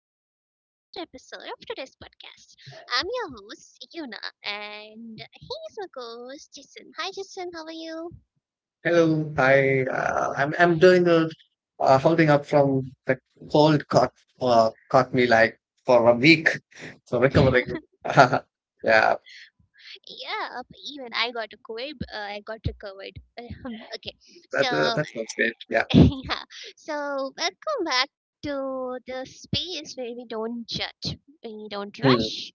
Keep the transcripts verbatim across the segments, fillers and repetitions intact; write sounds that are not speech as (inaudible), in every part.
back to another episode of today's podcast. I'm your host, Yuna, and he's my co host, Jason. Hi, Jason, how are you? Hello, hi. Uh, I'm I'm doing good. Uh, holding up from the cold caught uh, caught me like for a week, so (laughs) recovering. (laughs) yeah, that Yeah, even I got a COVID, uh, I got recovered. (laughs) Okay, uh, so that sounds great. Yeah, (laughs) yeah. So welcome back to the space where we don't judge, we don't hmm. rush,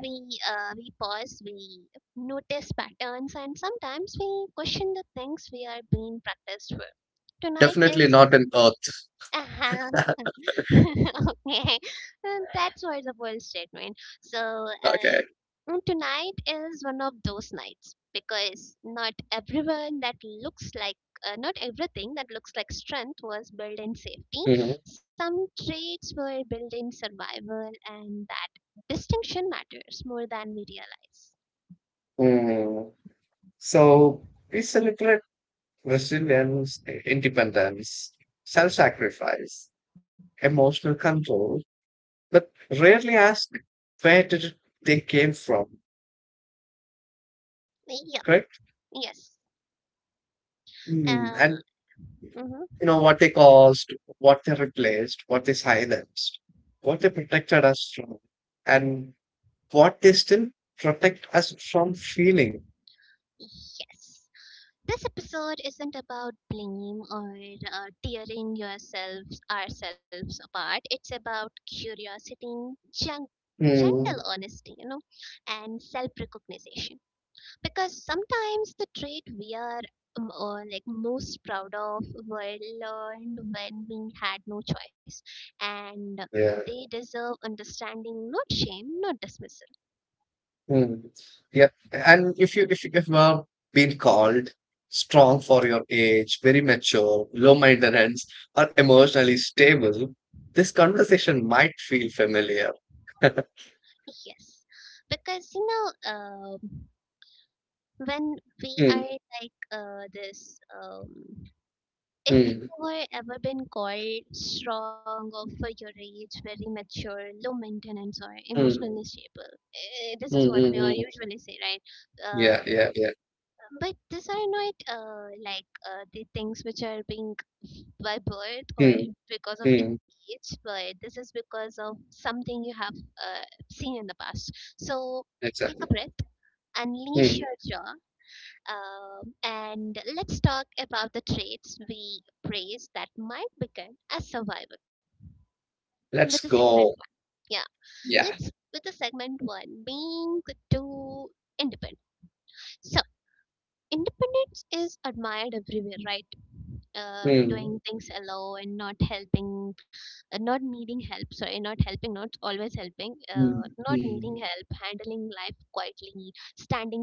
we uh, we pause, we notice patterns, and sometimes we question the things we are being practiced for. Tonight Definitely is not an Earth. uh huh. (laughs) Okay, and that's why it's a bold statement. So, uh, Okay. and tonight is one of those nights because not everyone that looks like uh, not everything that looks like strength was built in safety. Hmm. Some traits were built in survival, and that distinction matters more than we realize. Mm. So we celebrate resilience, independence, self-sacrifice, emotional control, but rarely ask, where did they came from? Yep. Correct. Yes. Mm. Uh, And mm-hmm. you know what they caused, what they replaced, what they silenced, what they protected us from, and what they still protect us from feeling. Yes. This episode isn't about blame or uh, tearing yourselves, ourselves apart. It's about curiosity, gen- gentle Hmm. honesty, you know, and self recognition. Because sometimes the trait we are um, or like most proud of were learned when we had no choice, and Yeah. they deserve understanding, not shame, not dismissal. Mm. Yeah, and if you if you if you are being called strong for your age, very mature, low maintenance, or emotionally stable, this conversation might feel familiar. Yes, because you know. Um, when we Hmm. are like uh, this um, if Hmm. you were ever been called strong or for your age very mature low maintenance or Hmm. emotionally stable, eh, this Hmm. is what Hmm. we all Mm. usually say right. Yeah, Uh, yeah, yeah. but these are not uh, like uh, the things which are being by birth or Hmm. because of the Hmm. age, but this is because of something you have uh, seen in the past. So take a Exactly. breath, unleash Hmm. your jaw, um, and let's talk about the traits we praise that might begin as survival with the Let's segment go. one. Yeah, Yeah. let's with the segment one being too independent. So, independence is admired everywhere, right? Uh, doing Mm, things alone and not helping uh, not needing help, sorry, not helping, not always helping, uh, mm, not needing mm. help, handling life quietly, standing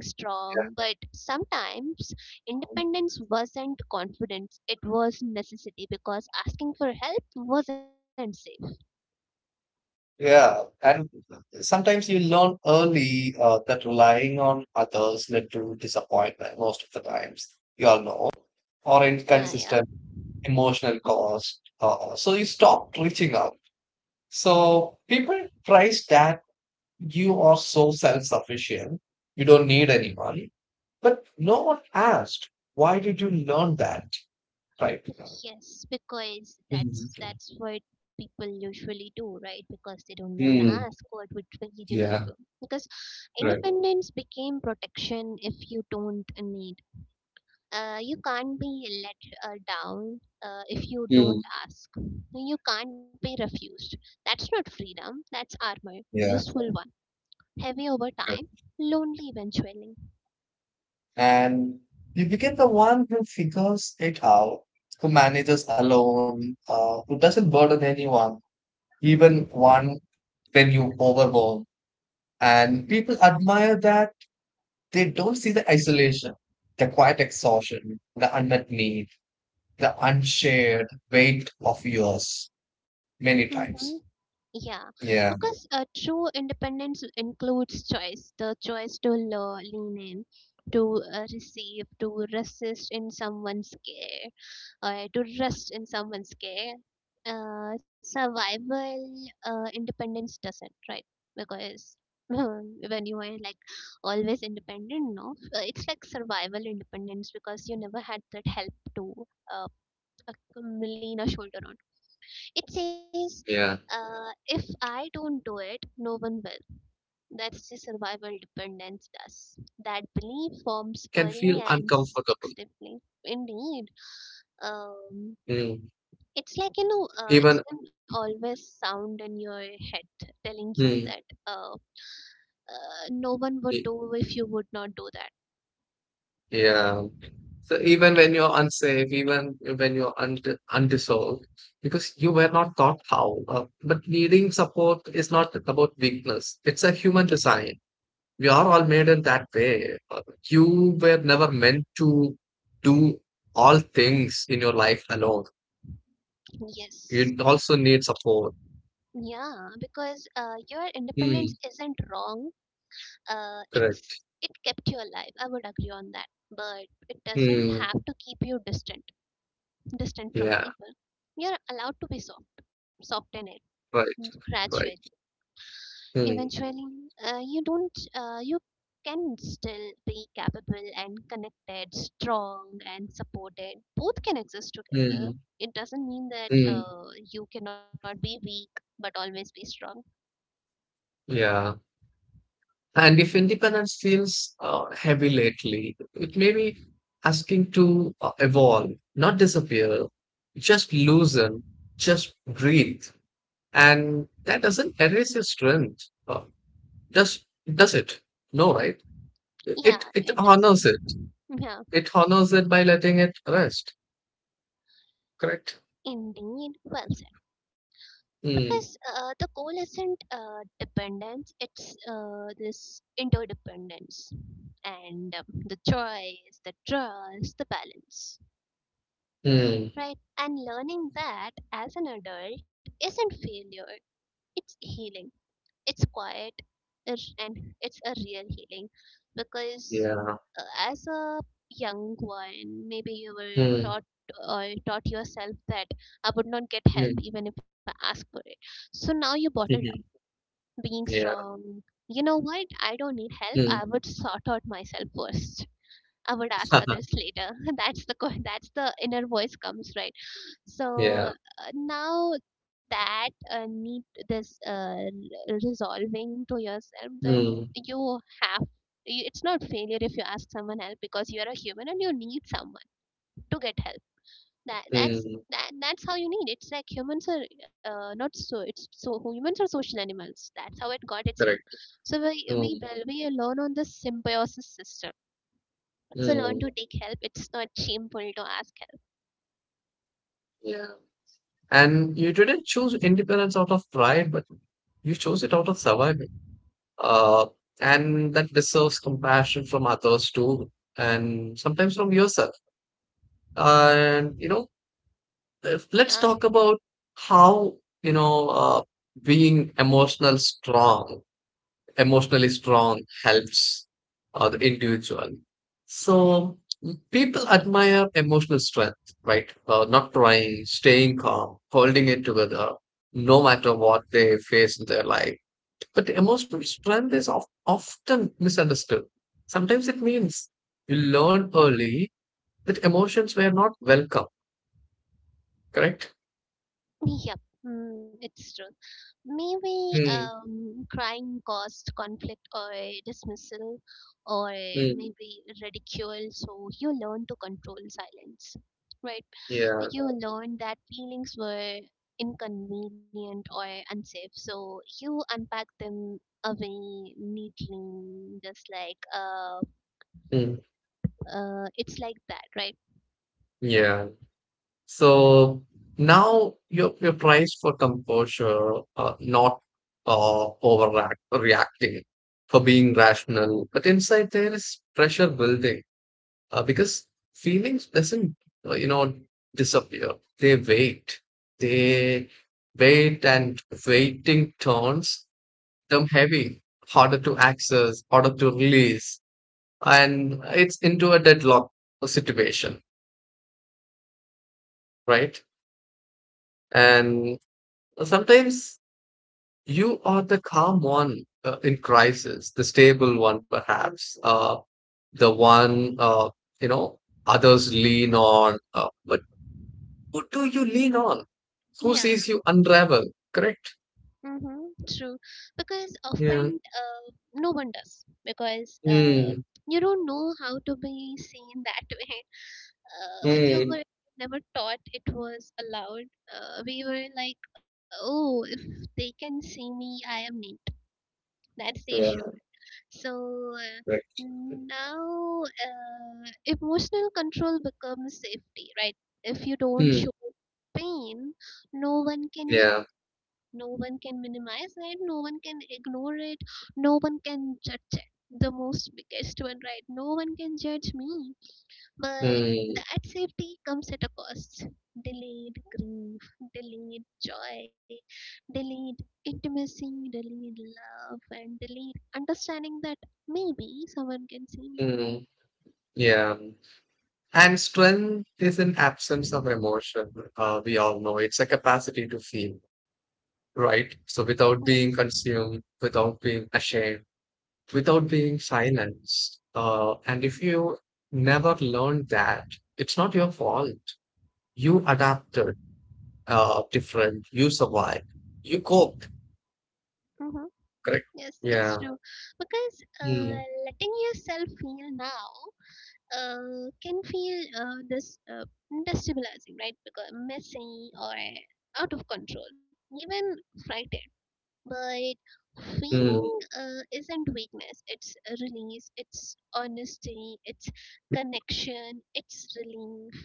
Yeah. strong. But sometimes independence wasn't confidence, it was necessity, because asking for help wasn't safe. Yeah, and sometimes you learn early uh, that relying on others led to disappointment most of the times, you all know, or Uh, yeah. inconsistent emotional cost. Uh, so you stop reaching out. So people price that you are so self-sufficient, you don't need anyone, but no one asked, why did you learn that right now? Yes, because that's Mm. that's what people usually do, right? Because they don't never Mm. ask what would did you learn Yeah. from. Because Right. independence became protection. If you don't need, Uh, you can't be let uh, down uh, if you Mm, don't ask. You can't be refused. That's not freedom. That's armor, yeah. useful one, heavy over time, Correct. lonely eventually. And you become the one who figures it out, who manages alone, uh, who doesn't burden anyone, even one when you overwhelm. And people admire that, they don't see the isolation, the quiet exhaustion, the unmet need, the unshared weight of yours many Mhm. times. Yeah, Yeah. because uh, true independence includes choice, the choice to lo- lean in, to uh, receive, to resist in someone's care, uh, to rest in someone's care. Uh, survival uh, independence doesn't, right? Because (laughs) when you are like always independent, no. Uh, it's like survival independence because you never had that help to uh, uh, Yeah, lean a shoulder on. It says, exactly. uh, if I don't do And it, no one you will. know, That's the Uh, letting survival people dependence uh, does. That help belief now forms can early feel and sticks uncomfortable. deeply. Indeed. Um, Mm. it's like, you know, uh, it's Even, an always sound in your head telling you that mm, uh, uh, no one would y- do if you would not do that. yeah. So even when you're unsafe, even when you're und- undissolved, because you were not taught how. Uh, but needing support is not about weakness. It's a human design. We are all made in that way. Uh, You were never meant to do all things in your life alone. Yes. You also need support. Yeah, because uh, your independence Mm, isn't wrong, uh, it's correct. it kept you alive. I would agree on that, but it doesn't Hmm. have to keep you distant distant from Yeah, people. You're allowed to be soft, soften it right, gradually. right. Mm, Eventually, uh, you don't uh, you can still be capable and connected, strong and supported. Both can exist together. mm, It doesn't mean that mm, uh, you cannot be weak but always be strong. yeah. And if independence feels uh, heavy lately, it may be asking to uh, evolve, not disappear, just loosen, just breathe. And that doesn't erase your strength, uh, does, does it? No, right? Yeah, It, it it doesn't. honors it. Yeah, It honors it by letting it rest, correct? indeed. Well said. Because Mm, uh, the goal isn't uh, dependence, it's uh, this interdependence and um, the choice, the trust, the balance. mm, Right. And learning that as an adult isn't failure, it's healing. It's quiet, it's- and it's a real healing, because yeah. uh, as a young one, maybe you were Mm, taught or taught yourself that I would not get help mm, even if I ask for it. So now you bottled up (laughs) being yeah. strong. You know what? I don't need help. Mm. I would sort out myself first. I would ask others (laughs) later. (laughs) That's the que- that's the inner voice comes right. So Yeah. uh, now that uh, need this uh, r- resolving to yourself that Mm, you have y- it's not failure if you ask someone help, because you are a human and you need someone to get help. That that's mm, that, that's how you need. It's like humans are uh, not so. It's so humans are social animals. That's how it got its name. correct. So we we Mm, build, we learn on this symbiosis system, so learn mm, to take help. It's not shameful to ask help. yeah. And you didn't choose independence out of pride, but you chose it out of survival. Uh, and that deserves compassion from others too, and sometimes from yourself. And you know, if, let's Yeah. talk about how you know uh, being emotional strong emotionally strong helps uh, the individual. So people Yep. admire emotional strength, right? Uh, not crying, staying calm, holding it together, no matter what they face in their life. But emotional strength is of, often misunderstood. Sometimes it means you learn early that emotions were not welcome, correct? Yep. Mm, it's true. Maybe Hmm. um, crying caused conflict or dismissal, or Hmm. maybe ridicule. So you learn to control silence, right? Yeah. You learn that feelings were inconvenient or unsafe. So you unpack them away neatly, just like uh, Hmm. uh, it's like that, right? Yeah. So now you're you're praised for composure, uh, not uh, overreact reacting, for being rational. But inside there is pressure building uh, because feelings doesn't uh, you know disappear. They wait. They wait, and waiting turns them heavy, harder to access, harder to release, and it's into a deadlock situation, right? And sometimes you are the calm one uh, in crisis, the stable one, perhaps, uh, the one, uh, you know, others lean on. Uh, but who do you lean on? Who Yeah. sees you unravel? Correct? Mm-hmm, true. Because Yeah. often uh, no one does, because uh, Mm. you don't know how to be seen that (laughs) way. Uh, you Mm. were never taught it was allowed. Uh, we were like, oh, if they can see me, I am neat. That's the Yeah, issue. So uh, correct. now uh, emotional control becomes safety, right? If you don't Hmm. show pain, no one can, Yeah. no one can minimize it, no one can ignore it, no one can judge it. The most biggest one, right? No one can judge me. But Mm. that safety comes at a cost. Delayed grief, delayed joy, delayed intimacy, delayed love, and delayed understanding that maybe someone can see me. Mm. Yeah. And strength is an absence of emotion. Uh, we all know it's a capacity to feel, right? So without Yes. being consumed, without being ashamed, without being silenced. Uh, and if you never learned that, it's not your fault. You adapted, uh, different, you survived, you coped, Mm-hmm. correct? Yes, it's Yeah. true. Because uh, Mm, letting yourself feel now uh, can feel uh, this uh, destabilizing, right? Because messy or out of control, even frightened. But mm, feeling uh, isn't weakness, it's a release, it's honesty, it's connection, it's relief,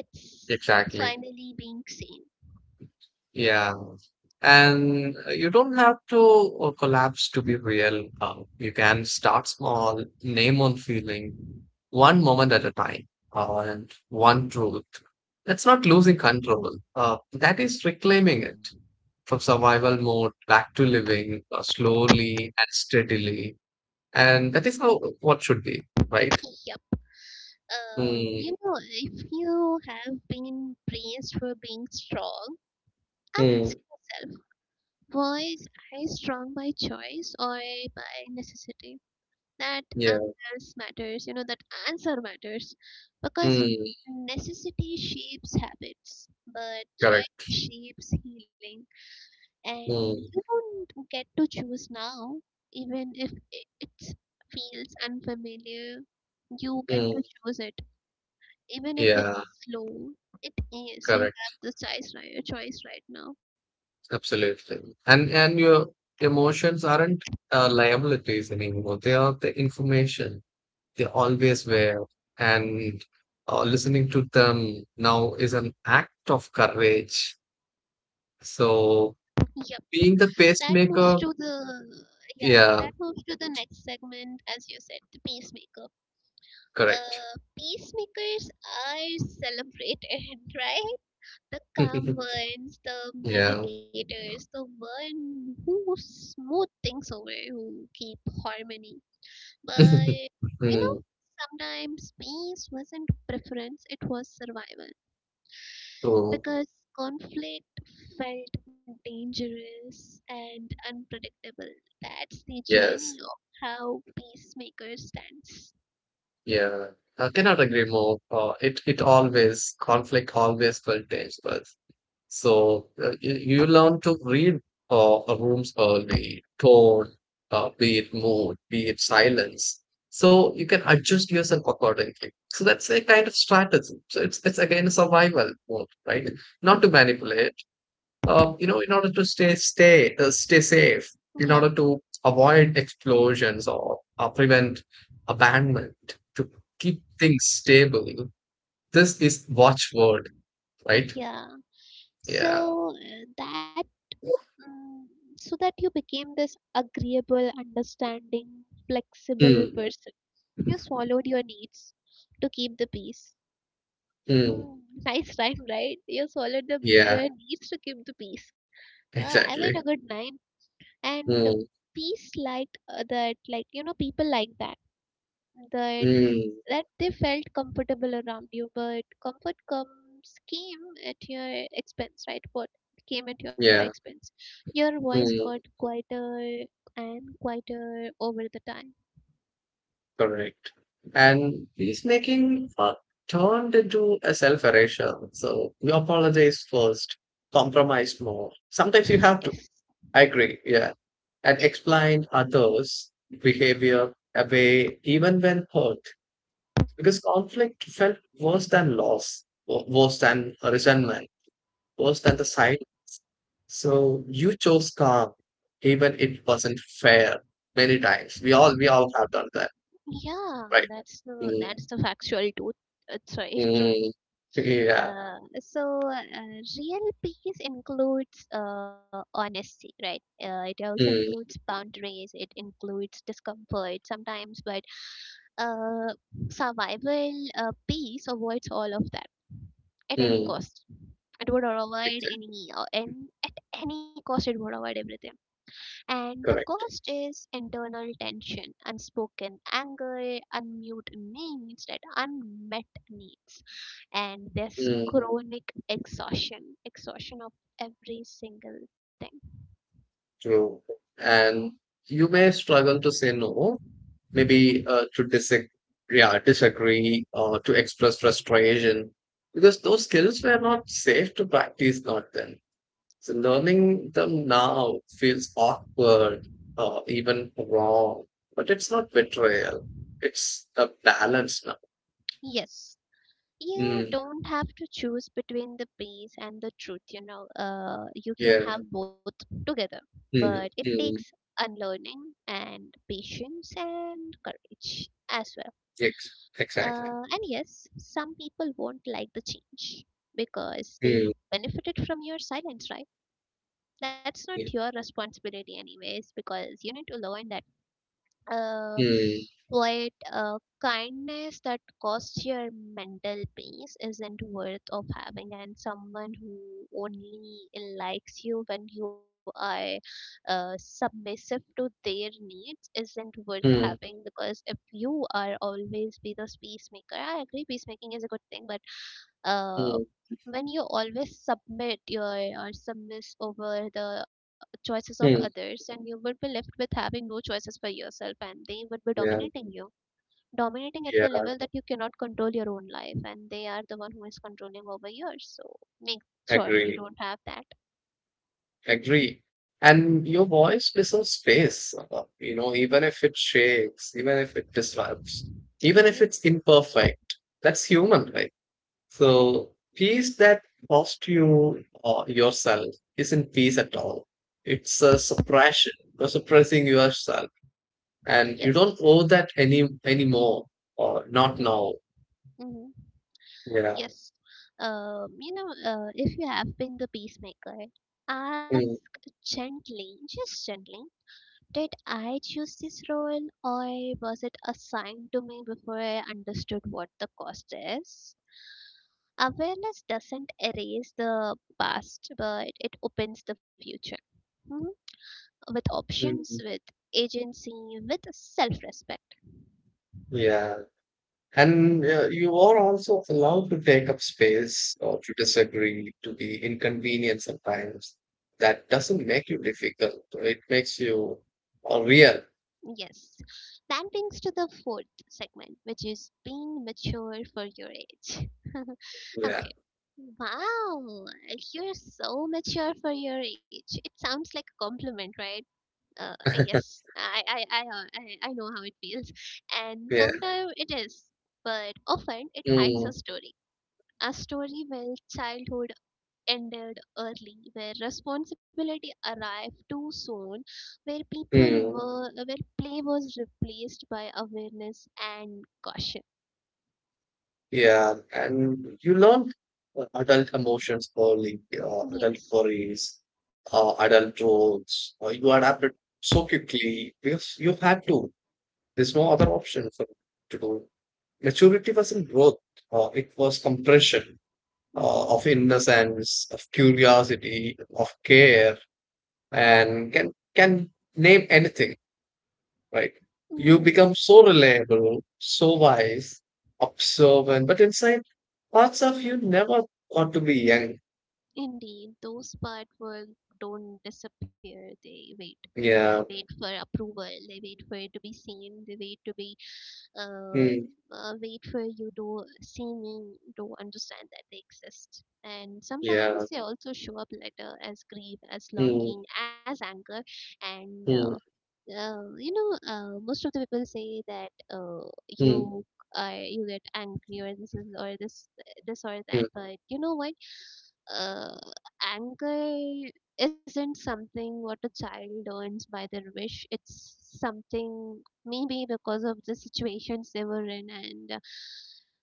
it's exactly. finally being seen. Yeah. And uh, you don't have to uh, collapse to be real. Uh, you can start small, name on feeling, one moment at a time, uh, and one truth. That's not losing control. Uh, that is reclaiming it, from survival mode back to living uh, slowly and steadily. And that is how what should be, right? Yep. Um, you Mm, know, if you have been praised for being strong, ask mm, yourself, boys, I strong by choice or by necessity. That yeah, answers matters, you know, that answer matters, because mm, necessity shapes habits, but choice correct. shapes healing. And you Mm, don't get to choose now, even if it it feels unfamiliar, you get mm, to choose it. Even if it's yeah, slow, it is. You have correct. the choice right, choice right now. Absolutely. And and your emotions aren't uh, liabilities anymore. They are the information. They always were. And uh, listening to them now is an act of courage. So Yeah. being that the moves to pacemaker, the yeah, that yeah, moves to the next segment, as you said, the peacemaker. correct. uh Peacemakers are celebrated, (laughs) right, the calm (laughs) ones, the Yeah. meditators, the one who smooth things over, who keep harmony. But (laughs) you know, Mm, sometimes peace wasn't preference, it was survival, true. because conflict felt dangerous and unpredictable. That's the journey Yes. of how peacemaker stands. Yeah. I cannot agree more. Uh, it it always Conflict always felt tense, but so uh, you, you learn to read uh, a room's early tone, uh, be it mood, be it silence. So you can adjust yourself accordingly. So that's a kind of strategy. So it's it's again survival mode, right? Not to manipulate. Uh, you know, in order to stay stay uh, stay safe, Yep. in order to avoid explosions or uh, prevent abandonment, to keep things stable. This is watchword, Uh, right? yeah. Yeah. So uh, that mm, so that you became this agreeable, understanding, flexible Mm, person. You swallowed your needs to keep the peace. mm, Hmm, nice rhyme, right? You swallowed the yeah, your needs to keep the peace. Uh, I made a exactly. good nine. And Mm, peace liked uh, that, like, you know, people like that, that mm, that they felt comfortable around you, but comfort comes came at your expense, right? What came at your yeah, expense? Your voice got mm, quieter and quieter over the time. correct. And peacemaking uh, turned into a self erasure. So you apologize first, compromise more. (laughs) Sometimes you Yes. have to. I agree. Yeah. And explain others' behavior away even when hurt. Because conflict felt worse than loss, wo- worse than resentment, worse than the sight. So you chose calm, even it wasn't fair. Many times we all we all have done that, Yeah, right? that's the Mm, that's the factual truth. That's right. mm, yeah. Uh, so uh, real peace includes uh, honesty, right? Uh, it also includes Mm, boundaries, it includes discomfort sometimes. But uh, survival uh, peace avoids all of that at any mm, cost. It would avoid exactly, any uh, and at any cost it would avoid everything, and the correct. cost is internal tension, unspoken anger, unmute needs, that unmet needs, and this Mm, chronic exhaustion, exhaustion of every single thing. true. And you may struggle to say no, Yes. maybe uh, to disagree, yeah, disagree or to express frustration because those skills were not safe to practice, not then. So learning them now feels awkward or even wrong, but it's not betrayal. It's a balance now. Yes. You Mm, don't have to choose between the peace and the truth, you know. Uh, you can yeah. have both together, Mm, but it takes mm, unlearning and patience and courage as well. ex- exactly. Uh, and yes, some people won't like the change, because they Mm, benefited from your silence, right? That's not yeah. your responsibility, anyways, because you need to learn that. Uh, Mm, but uh, kindness that costs your mental peace isn't worth of having, and someone who only likes you when you are uh, submissive to their needs isn't worth mm, having. Because if you are always be this peacemaker, I agree peacemaking is a good thing, but uh, mm, when you always submit your or submiss over the choices of others, mm. and you would be left with having no choices for yourself, and they would be Yeah. dominating you, dominating at the Yeah. level that you cannot control your own life, and they are the one who is controlling over yours. So make sure you Agree. don't have that Agree. And your voice deserves space, uh, you know, even if it shakes, even if it disrupts, even if need. it's imperfect, that's human, right? So, peace that cost you or yourself isn't peace at all. It's a suppression. You're suppressing yourself, and you Yes. don't owe that any anymore, or not Hmm. now. Hmm. Yeah. Yes. Um, you know, uh, if you have been the peacemaker, ask Mm, gently, just gently, did I choose this role, or was it assigned to me before I understood what the cost is? Awareness doesn't erase the past, but it opens the future. Hmm? With options, mm, with agency, with self respect. yeah. And uh, you are also allowed to take up space or to disagree, to be inconvenient sometimes. That doesn't make you difficult. It makes you uh, real. Yes. That brings to the fourth segment, which is being mature for your age. (laughs) Yeah. Okay. Wow, you're so mature for your age. It sounds like a compliment, right? Uh, yes, I, I, I, uh, I, I know how it feels, and Yeah. sometimes it is, but often it hides a Mm, story. A story where childhood ended early, where responsibility arrived too soon, where people mm, were where play was replaced by awareness and caution. yeah. And you learn uh, adult emotions early, uh, adult Yes. worries, uh, adult roles. Uh, you adapted so quickly because you had to. There's no other option for to do. Maturity wasn't growth, uh, it was compression, uh, of Mhm. innocence, of curiosity, of care, and can can name anything, right? You mm Yes, become so reliable, so wise, observant, but inside parts of you never got to be young. indeed. Those part work don't disappear. They wait. They Yeah, wait for approval. They wait for it to be seen. They wait to be uh, mm, uh, wait for you to see me to understand that they exist. And yeah, sometimes they also show up later as grief, as mm, longing, as anger, and uh, mm, uh, you know, uh, most of the people say that uh, mm, you are you get angry or this is or this this or that, mm, but you know what? Uh, Anger isn't something what a child learns by their wish. It's something maybe because of the situations they were in, and uh,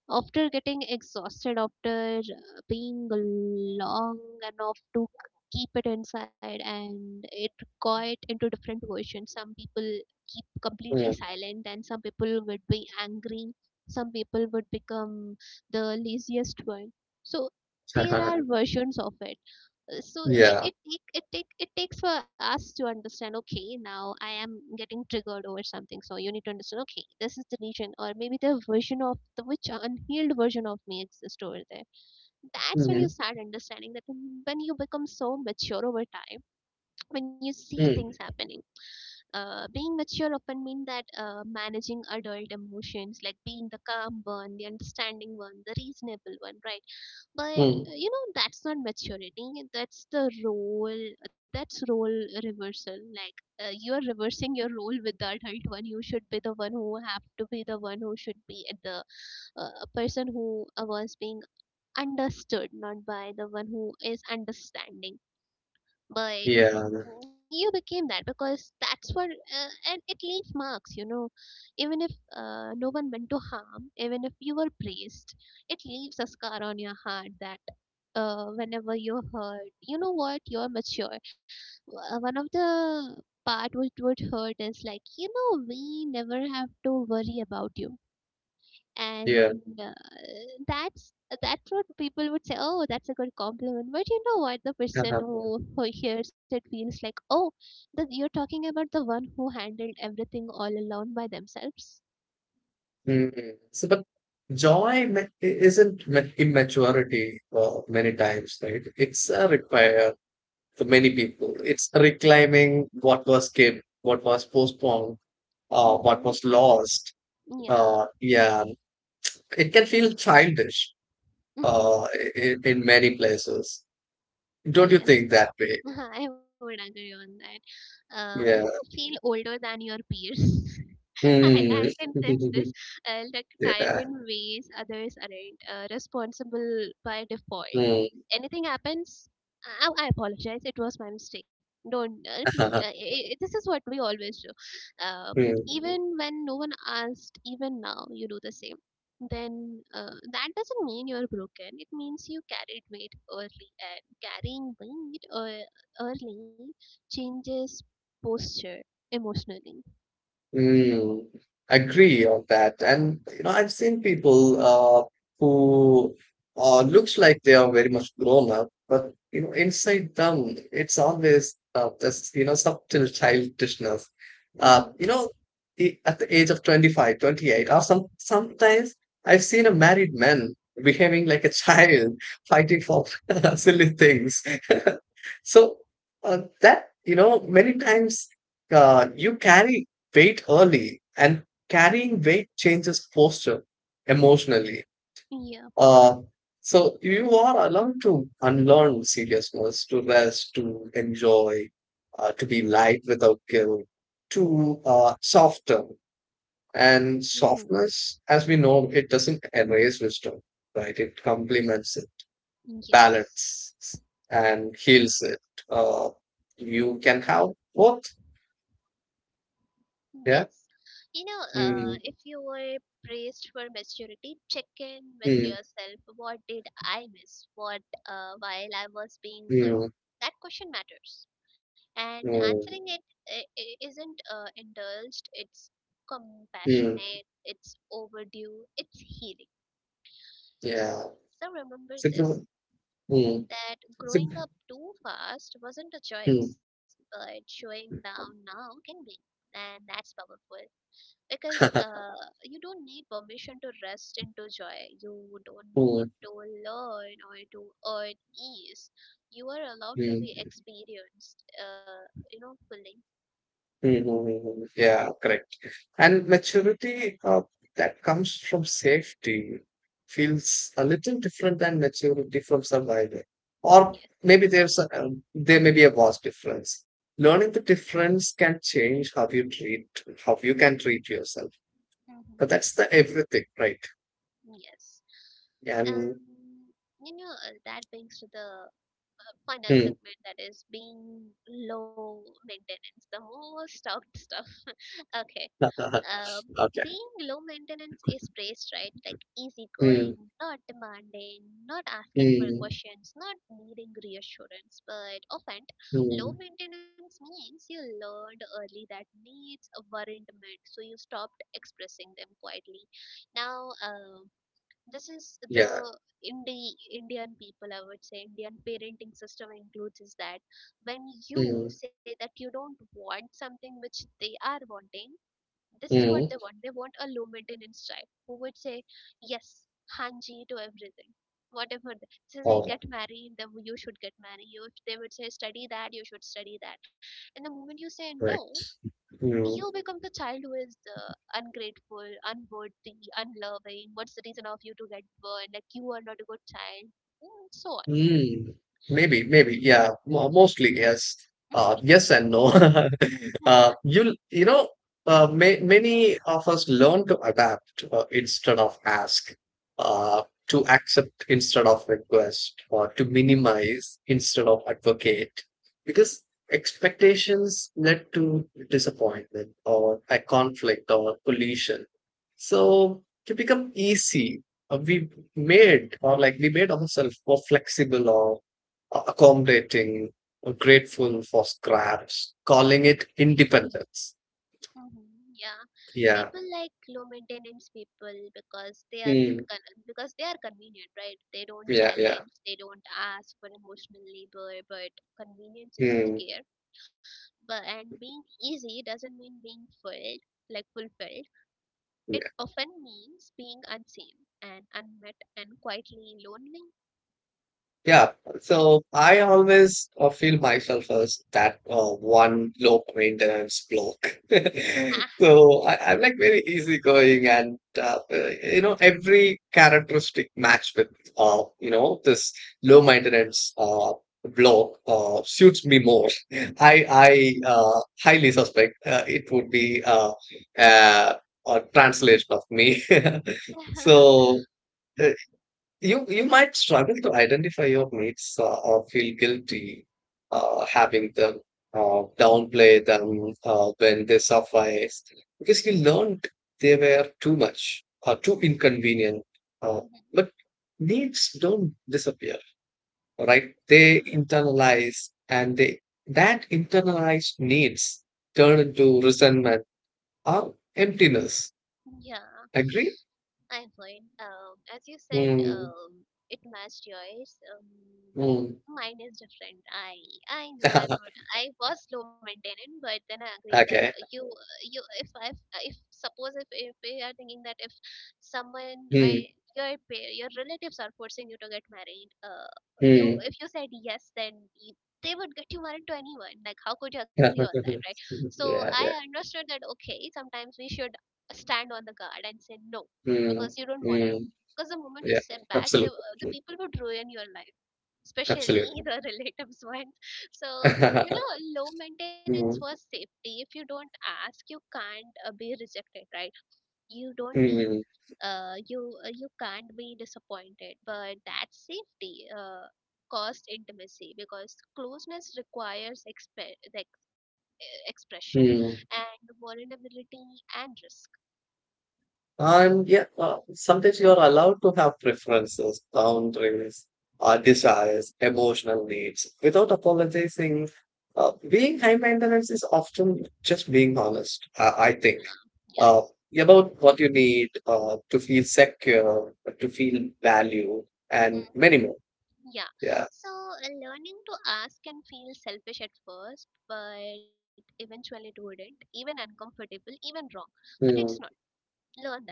after getting exhausted, after uh, being long enough to keep it inside, and it quiet into different versions. Some people keep completely mm. silent, and some people would be angry. Some people would become the laziest one. So there are versions of it. Uh, (laughs) So it yeah, it it, it, take, it takes for us to understand. Okay, now I am getting triggered over something. So you need to understand. Okay, this is the region, or maybe the version of the which unhealed version of me exists over there. That's when you mm, start understanding that when you become so mature over time, when you see things mm, happening uh, being mature often means that uh, managing adult emotions, like being the calm one, the understanding one, the reasonable one, right? But mm, uh, you know that's not maturity. That's the role. That's role reversal. Like uh, you are reversing your role with the adult one. You should be the one who have to be the one who should be at the uh, person who uh, was being understood, not by the one who is understanding. But yeah, you became that because that's what uh, and it leaves marks, you know, even if uh, no one meant to harm, even if you were praised, it leaves a scar on your heart that uh, whenever you're hurt you know what you're mature. Uh, one of the part which would hurt is like, you know, we never have to worry about you, yeah. and uh, that's that's what people would say, oh, that's a good compliment, but you know what the person (laughs) who, who hears it feels like, oh, the, you're talking about the one who handled everything all alone by themselves. Mm. So, but joy ma- isn't ma- immaturity uh, many times, right? It's a repair for many people. It's reclaiming what was kept, what was postponed, uh, what Mm-hmm. was lost. Yeah. Uh, yeah, it can feel childish uh, Hmm. in, in many places. Don't you Yes. think that way? (laughs) I would agree on that. Uh, you Yeah. may feel older than your peers. I, I Hmm. can sense this, uh, like tired (laughs) in ways others aren't, uh, responsible by default. yeah. Anything happens, I, I apologize. It was my mistake. Don't uh, please. Uh, I Hmm. I This is what we always do. Uh, (laughs) Even when no one asked, even now you do the same. Then uh, That doesn't mean you're broken. It means you carried weight early, and carrying weight uh, early changes posture emotionally. Mm, agree on that. And you know, I've seen people uh, who uh, looks like they are very much grown up, but you know, inside them, it's always uh, this you know subtle childishness. Uh, you Mm-hmm. know, i- at the age of twenty five, twenty eight, or some sometimes I've seen a married man behaving like a child, (laughs) fighting for (laughs) silly things. (laughs) So uh, that you know, many times uh, you carry weight early and carrying weight changes posture emotionally. Yeah. Uh, so you are allowed to unlearn seriousness, to rest, to enjoy, uh, to be light without guilt, to uh, soften. And Mm-hmm. softness, as we know, it doesn't erase wisdom, right? It complements it, Yes. balances, and heals it. Uh, you can have both. Yeah. Yes. You know, Mm, uh, if you were praised for maturity, check in with mm, yourself. What did I miss? What uh, while I was being good? mm, That question matters. And mm. answering it i- i- isn't uh, indulged, it's Mm, compassionate, it's overdue, it's healing. yeah. So remember So. this, Mm. that So. growing up too fast wasn't a Mm. choice, but showing down now can be. And that's powerful because (laughs) uh, you don't need permission to rest into joy. You don't Mm, need to learn or to earn ease. You are allowed to be mm, experienced, uh, you know, fully. mm, mm, yeah, correct. And maturity, uh, that comes from safety feels a little different than maturity from survival. Or Yes, maybe there's a, um, there may be a vast difference. Learning the difference can change how you treat, how you can treat yourself. But that's hmm, the everything, right? yes. And Um, you know, uh, that brings to the uh, final mm. segment, that is being low maintenance, the most (laughs) talked stuff. Okay. Um, (laughs) Okay. Being low maintenance is praised, right? Like Mm, easygoing, not demanding, not asking for mm, questions, not needing reassurance. But often, mm. low maintenance means you learned early that needs weren't met, so you stopped expressing them quietly. Now, um, this is Yeah. the Indi- Indian people, I would say, Indian parenting system includes is that when you Mm, say that you don't want something which they are wanting, this is what mm. they want. They want a low maintenance child who would say yes, hanji to everything. Whatever they say, they Oh, get married, then you should get married. You, if they would say study that, you should study that. And the moment you say right. no, Mm, you become the child who is uh, ungrateful, unworthy, unloving. What's the reason of you to get burned? Like you are not a good child. Mm, so on. mm. Maybe, maybe. Yeah. Mo mostly, yes. Uh, yes (laughs) and no. (laughs) Uh, you'll, you know, uh, ma- many of us learn to adapt uh, instead of ask, uh, to accept instead of request, or to minimize instead of advocate, because expectations led to disappointment or a conflict or collision. So to become easy, uh, we made or like we made ourselves more flexible or uh, accommodating, grateful for scraps, calling it independence. Mm-hmm. Yeah, Yeah. people like low maintenance people because they are in Mm. con- because they are convenient, right? They don't Yeah. Yeah. challenge, they don't ask for emotional labor, but convenience isn't Mm. care. But and being easy doesn't mean being filled, like fulfilled. It often means being unseen and unmet and quietly lonely. Yeah, so I always uh, feel myself as that uh, one low maintenance bloke. (laughs) So I, I'm like very easygoing, and uh, uh, you know every characteristic match with uh, you know this low maintenance uh, bloke uh, suits me more. (laughs) I I uh, highly suspect uh, it would be uh, uh, a translation of me. (laughs) (laughs) So. You you might struggle to identify your mates uh, or feel guilty uh, having them uh, downplay them uh, when they suffice because you learned they were too much or too Mm-hmm. inconvenient. Uh, but Mm-hmm. needs don't disappear, right? They internalize, and they that internalized needs turn into resentment or emptiness. Yeah. Agree? I'm fine. Um, as you said, Hmm. um, it matched yours. Um, Hmm. Mine is different. I I know I'm not. (laughs) I was low maintenance, but then I agree that uh, Okay. you you if I if suppose if if we are thinking that if someone or Hmm. your pa- your relatives are forcing you to get married, uh, you Hmm. if you said yes, then you, they would get you married to anyone. Like how could you agree on that, right? (laughs) So I Yeah, yeah. understood that okay, sometimes we should stand on the guard and say no Mm, because you don't want it. mm, Because the moment you yeah, step back, the uh, the absolutely, people would ruin your life, especially absolutely. (laughs) the relatives one. So you (laughs) know, low maintenance Mm, was safety. If you don't ask, you can't uh, be rejected, right? You don't need. mm, Uh, you uh, you can't be disappointed, but that safety uh, cost intimacy because closeness requires exp- the ex- eh, expression mm. and vulnerability and risk. And yeah, uh, sometimes you are allowed to have preferences, boundaries, uh, desires, emotional needs without apologizing. Uh, being high maintenance is often just being honest, I, I think, Yeah. uh, Yes. about what you need uh, to feel secure, to feel valued, and Mm-hmm. many more. Yeah, Yeah. so uh, learning to ask can feel selfish at first, but eventually it wouldn't, even uncomfortable, even wrong. But it's not. Mm, Learn that.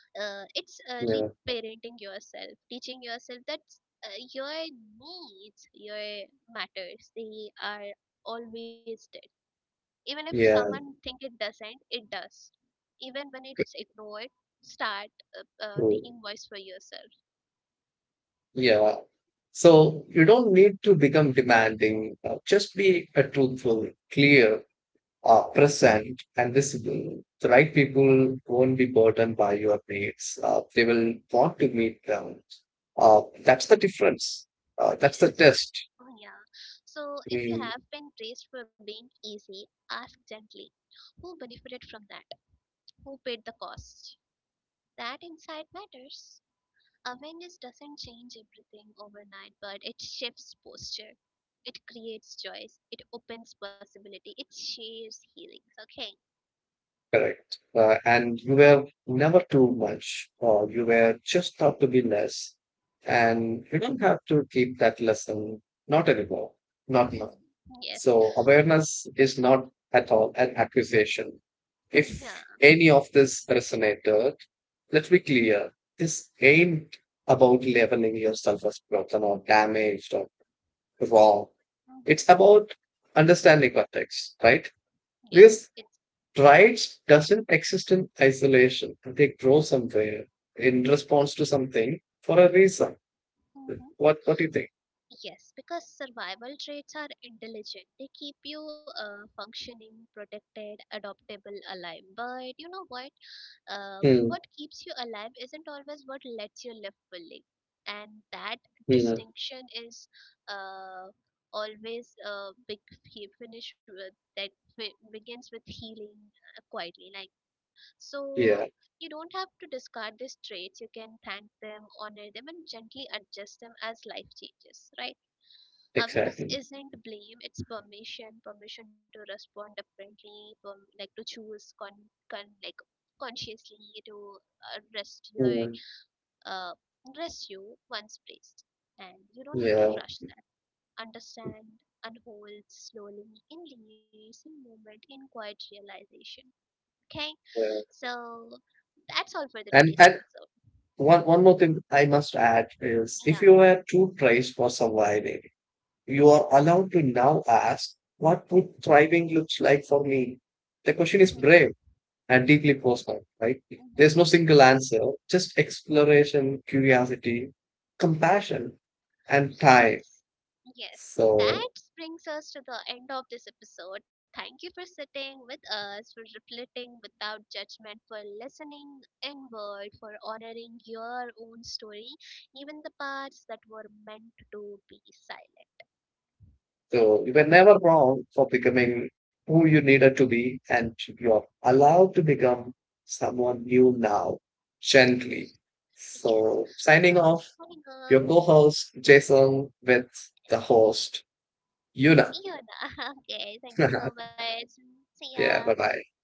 Uh, it's uh, yeah. reparenting yourself, teaching yourself that uh, your needs, your matters, they are always there. Even if Yeah, someone think it doesn't, it does. Even when it's ignored, start uh, uh, true. taking voice for yourself. Yeah. So you don't need to become demanding. Uh, just be a truthful, clear, uh, present, and visible. The right people won't be burdened by your needs. Uh, they will want to meet them. Uh, that's the difference. Uh, that's the Yes. test. Oh, yeah. So, if you Mm, have been praised for being easy, ask gently, who benefited from that? Who paid the cost? That insight matters. Awareness doesn't change everything overnight, but it shifts posture. It creates choice. It opens possibility. It shares healings. Okay. correct. Uh, and you were never too much, or you were just thought to be less. And you don't have to keep that lesson. Not anymore. Not Mhm. now. Yes. So awareness is not at all an accusation. Yeah. If any of this resonated, let's be clear. This ain't about leveling your self-worth or damaged or wrong. Mhm. It's about understanding context, right? Yes. Because It's. rights doesn't exist in isolation. They grow somewhere in response to something for a reason. Mhm. What What do you think? Yes, because survival traits are intelligent. They keep you uh, functioning, protected, adoptable, alive. But you know what? Uh, Hmm. what keeps you alive isn't always what lets you live fully. And that Hmm. distinction is uh, always a big he- finish with that fi- begins with healing uh, quietly. Like so, Yeah. you don't have to discard these traits. You can thank them, honor them, and gently adjust them as life changes. Right, awareness Exactly. isn't blame, it's permission, permission to respond differently, from like to choose con, con like consciously, to uh, rest your Hmm. uh, rest you once placed, and you don't need to Yeah. rush that. Understand, unfold slowly in layers, in moment, in quiet realization. Okay, Yeah. so that's all for the And today's and episode. one one more thing I must add is, if Yeah, you were too praised for surviving, you are allowed to now ask, what would thriving looks like for me? The question is hmm, brave and deeply personal, right? There's hmm. no single answer, just exploration, curiosity, compassion, and time. Yes, yes. So That brings us to the end of this episode. Thank you for sitting with us, for reflecting without judgment, for listening inward, for honoring your own story, even the parts that were meant to be silent. So you were never wrong for becoming who you needed to be, and you're allowed to become someone new now, Y- gently. Yes. So So, signing off, signing off, your co-host Jason with the host Yuna. Fiona. (laughs) Okay, thank you so (laughs) much. See ya. Yeah, bye bye.